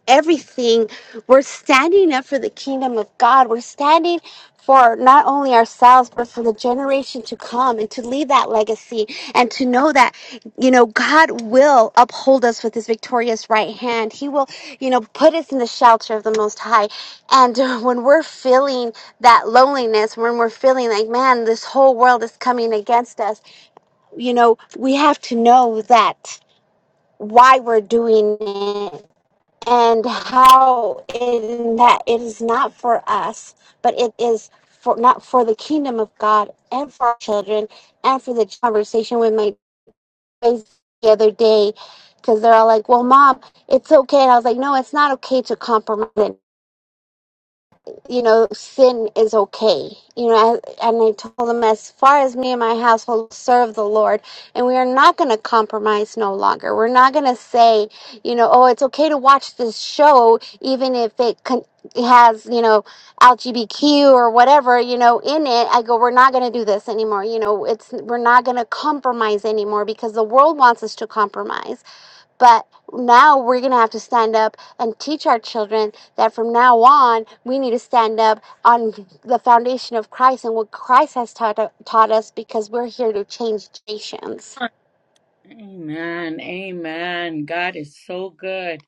[SPEAKER 5] everything, we're standing up for the kingdom of God. We're standing for not only ourselves, but for the generation to come and to leave that legacy and to know that, you know, God will uphold us with his victorious right hand. He will, you know, put us in the shelter of the Most High. And uh, when we're feeling that loneliness, when we're feeling like, man, this whole world is coming against us, you know, we have to know that why we're doing it and how in that it is not for us, but it is for not for the kingdom of God and for our children and for the conversation with my boys the other day because they're all like, "Well, mom, it's okay," and I was like, "No, it's not okay to compromise." you know, sin is okay. You know, I, and I told them, as far as me and my household serve the Lord, and we are not going to compromise no longer. We're not going to say, you know, oh, it's okay to watch this show, even if it con- has, you know, L G B Q or whatever, you know, in it. I go, we're not going to do this anymore. You know, it's, we're not going to compromise anymore because the world wants us to compromise but now we're going to have to stand up and teach our children that from now on, we need to stand up on the foundation of Christ and what Christ has taught, taught us because we're here to change nations.
[SPEAKER 1] Amen. Amen. God is so good.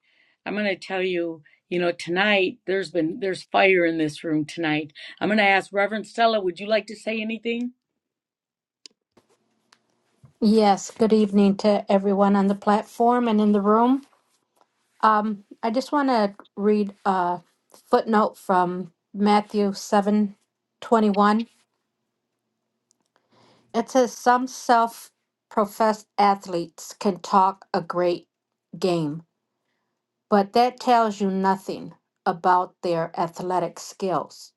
[SPEAKER 1] I'm going to tell you, you know, tonight there's been there's fire in this room tonight. I'm going to ask Reverend Stella, would you like to say anything?
[SPEAKER 6] Yes, good evening to everyone on the platform and in the room. Um, I just want to read a footnote from Matthew seven twenty-one. It says, Some self professed athletes can talk a great game, but that tells you nothing about their athletic skills.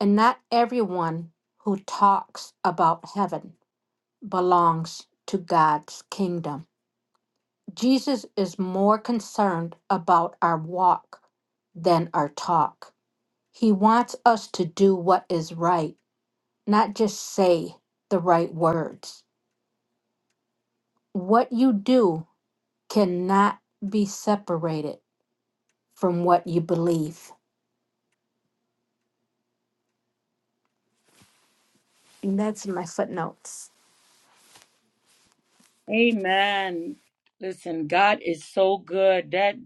[SPEAKER 6] And not everyone who talks about heaven belongs to God's kingdom. Jesus is more concerned about our walk than our talk. He wants us to do what is right, not just say the right words. What you do cannot be separated from what you believe. And that's in my footnotes.
[SPEAKER 1] Amen. Listen, God is so good. That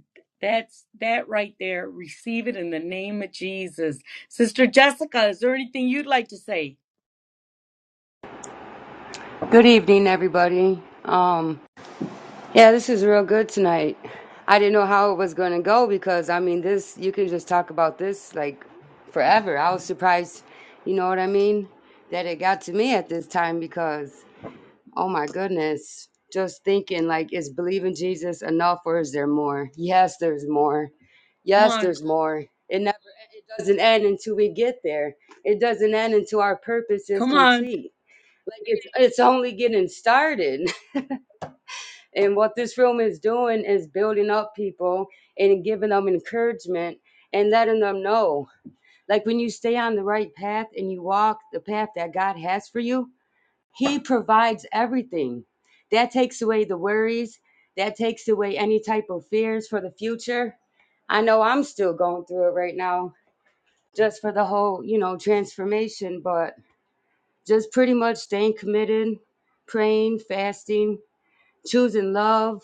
[SPEAKER 1] that's that right there. Receive it in the name of Jesus. Sister Jessica, is there anything you'd like to say?
[SPEAKER 7] Good evening, everybody. Um, yeah, this is real good tonight. I didn't know how it was going to go because, I mean, this, you can just talk about this like forever. I was surprised, you know what I mean, that it got to me at this time because, oh my goodness, just thinking like, is believing Jesus enough or is there more? Yes, there's more.
[SPEAKER 1] Come
[SPEAKER 7] Yes,
[SPEAKER 1] on.
[SPEAKER 7] there's more. It never doesn't end until we get there, it doesn't end until our purpose is
[SPEAKER 1] Come on.
[SPEAKER 7] complete. Like, it's, it's only getting started. And what this room is doing is building up people and giving them encouragement and letting them know. Like when you stay on the right path and you walk the path that God has for you, He provides everything. That takes away the worries, that takes away any type of fears for the future. I know I'm still going through it right now, just for the whole, you know, transformation, but just pretty much staying committed, praying, fasting, choosing love,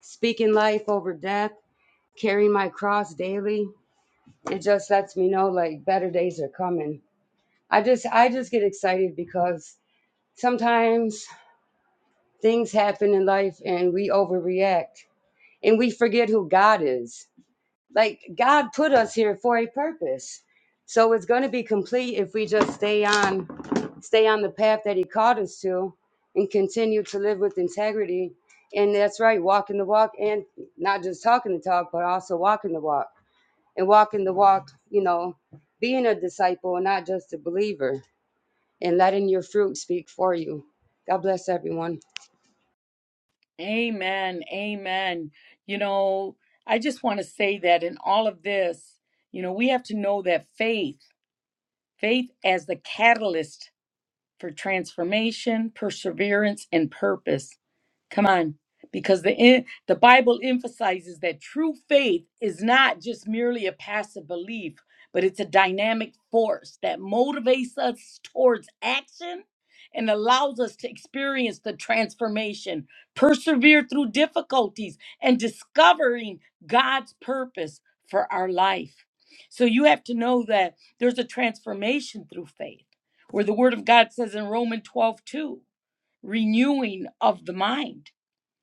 [SPEAKER 7] speaking life over death, carrying my cross daily. It just lets me know like better days are coming. I just I just get excited because sometimes things happen in life and we overreact and we forget who God is. Like God put us here for a purpose. So it's going to be complete if we just stay on stay on the path that he called us to and continue to live with integrity. And that's right, walking the walk and not just talking the talk, but also walking the walk. And walking the walk, you know, being a disciple and not just a believer and letting your fruit speak for you. God bless everyone.
[SPEAKER 1] Amen. Amen. You know, I just want to say that in all of this, you know, we have to know that faith, faith as the catalyst for transformation, perseverance, and purpose. Come on, because the en- the Bible emphasizes that true faith is not just merely a passive belief, but it's a dynamic force that motivates us towards action and allows us to experience the transformation, persevere through difficulties, and discovering God's purpose for our life. So you have to know that there's a transformation through faith where the word of God says in Romans 12 2, renewing of the mind.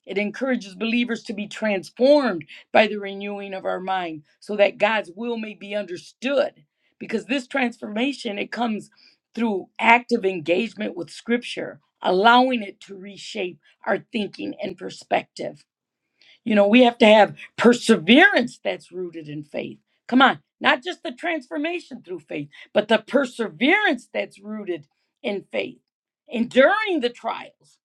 [SPEAKER 1] It encourages believers to be transformed by the renewing of our mind so that God's will may be understood. Because this transformation, it comes through active engagement with scripture, allowing it to reshape our thinking and perspective. You know, we have to have perseverance that's rooted in faith. Come on, not just the transformation through faith, but the perseverance that's rooted in faith, enduring the trials.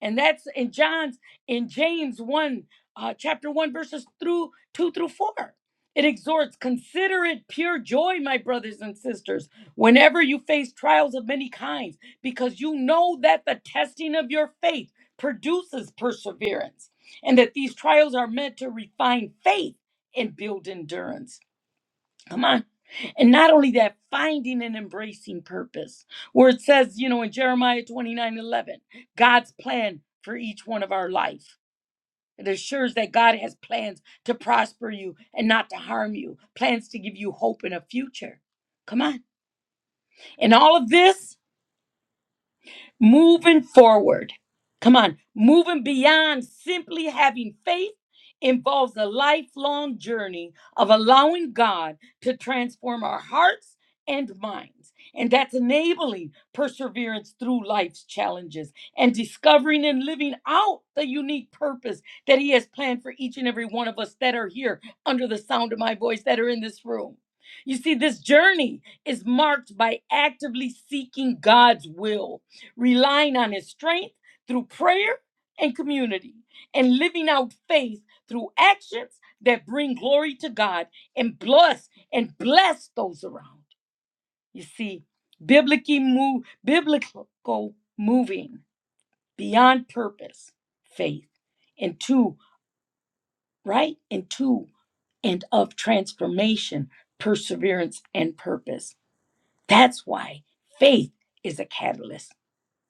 [SPEAKER 1] And that's in John's, in James 1, uh, chapter 1, verses through 2 through 4. It exhorts, consider it pure joy, my brothers and sisters, whenever you face trials of many kinds, because you know that the testing of your faith produces perseverance and that these trials are meant to refine faith and build endurance. Come on. And not only that, finding and embracing purpose, where it says, you know, in Jeremiah 29 11, God's plan for each one of our life. It assures that God has plans to prosper you and not to harm you, plans to give you hope and a future. Come on. And all of this moving forward. Come on, moving beyond simply having faith involves a lifelong journey of allowing God to transform our hearts and minds. And that's enabling perseverance through life's challenges and discovering and living out the unique purpose that He has planned for each and every one of us that are here under the sound of my voice that are in this room. You see, this journey is marked by actively seeking God's will relying on his strength through prayer and community, and living out faith through actions that bring glory to God and bless and bless those around. You see, biblically move, biblical moving beyond purpose, faith, and two, right? And two, and of transformation, perseverance, and purpose. That's why faith is a catalyst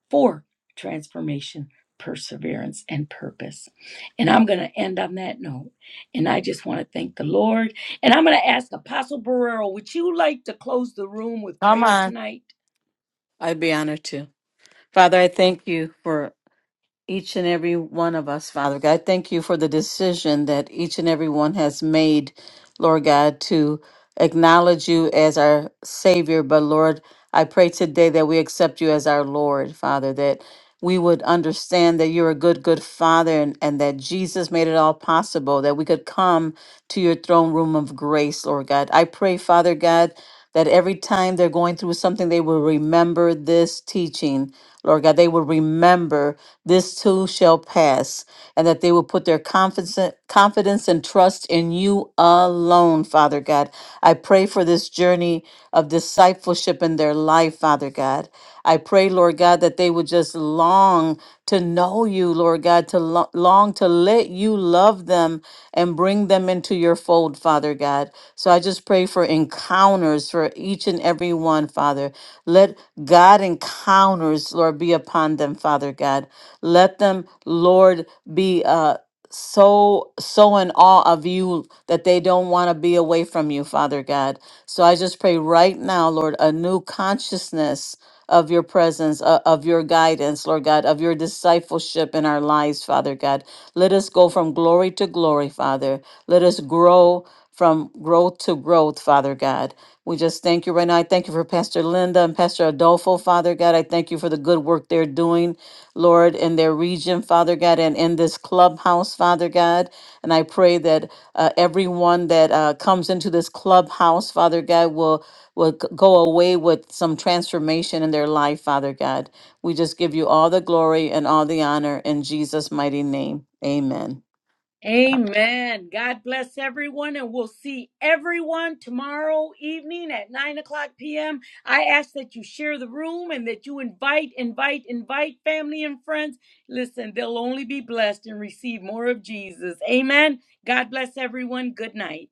[SPEAKER 1] for transformation, perseverance, and purpose. And I'm going to end on that note. And I just want to thank the Lord. And I'm going to ask Apostle Barrero, would you like to close the room with
[SPEAKER 3] Come
[SPEAKER 1] prayer
[SPEAKER 3] on.
[SPEAKER 1] tonight?
[SPEAKER 3] I'd be honored to. Father, I thank you for each and every one of us, Father God. Thank you for the decision that each and every one has made, Lord God, to acknowledge you as our Savior. But Lord, I pray today that we accept you as our Lord, Father, that we would understand that you're a good, good Father and, and that Jesus made it all possible, that we could come to your throne room of grace, Lord God. I pray, Father God, that every time they're going through something, they will remember this teaching. Lord God, they will remember this too shall pass, and that they will put their confidence, confidence and trust in you alone, Father God. I pray for this journey of discipleship in their life, Father God. I pray pray, Lord God, that they would just long to know you, Lord God, to lo- long to let you love them and bring them into your fold, Father God. So I just pray for encounters for each and every one, Father. Let God encounters, Lord, be upon them, Father God. Let them, Lord, be. Uh, so so in awe of you that they don't want to be away from you father god so i just pray right now lord a new consciousness of your presence o- of your guidance lord god of your discipleship in our lives father god let us go from glory to glory father let us grow from growth to growth, Father God. We just thank you right now. I thank you for Pastor Linda and Pastor Adolfo, Father God. I thank you for the good work they're doing, Lord, in their region, Father God, and in this clubhouse, Father God. And I pray that uh, everyone that uh, comes into this clubhouse, Father God, will will g- go away with some transformation in their life, Father God. We just give you all the glory and all the honor in Jesus' mighty name. Amen.
[SPEAKER 1] Amen. God bless everyone, and we'll see everyone tomorrow evening at 9 o'clock p.m. I ask that you share the room and that you invite, invite, invite family and friends. Listen, they'll only be blessed and receive more of Jesus. Amen. God bless everyone. Good night.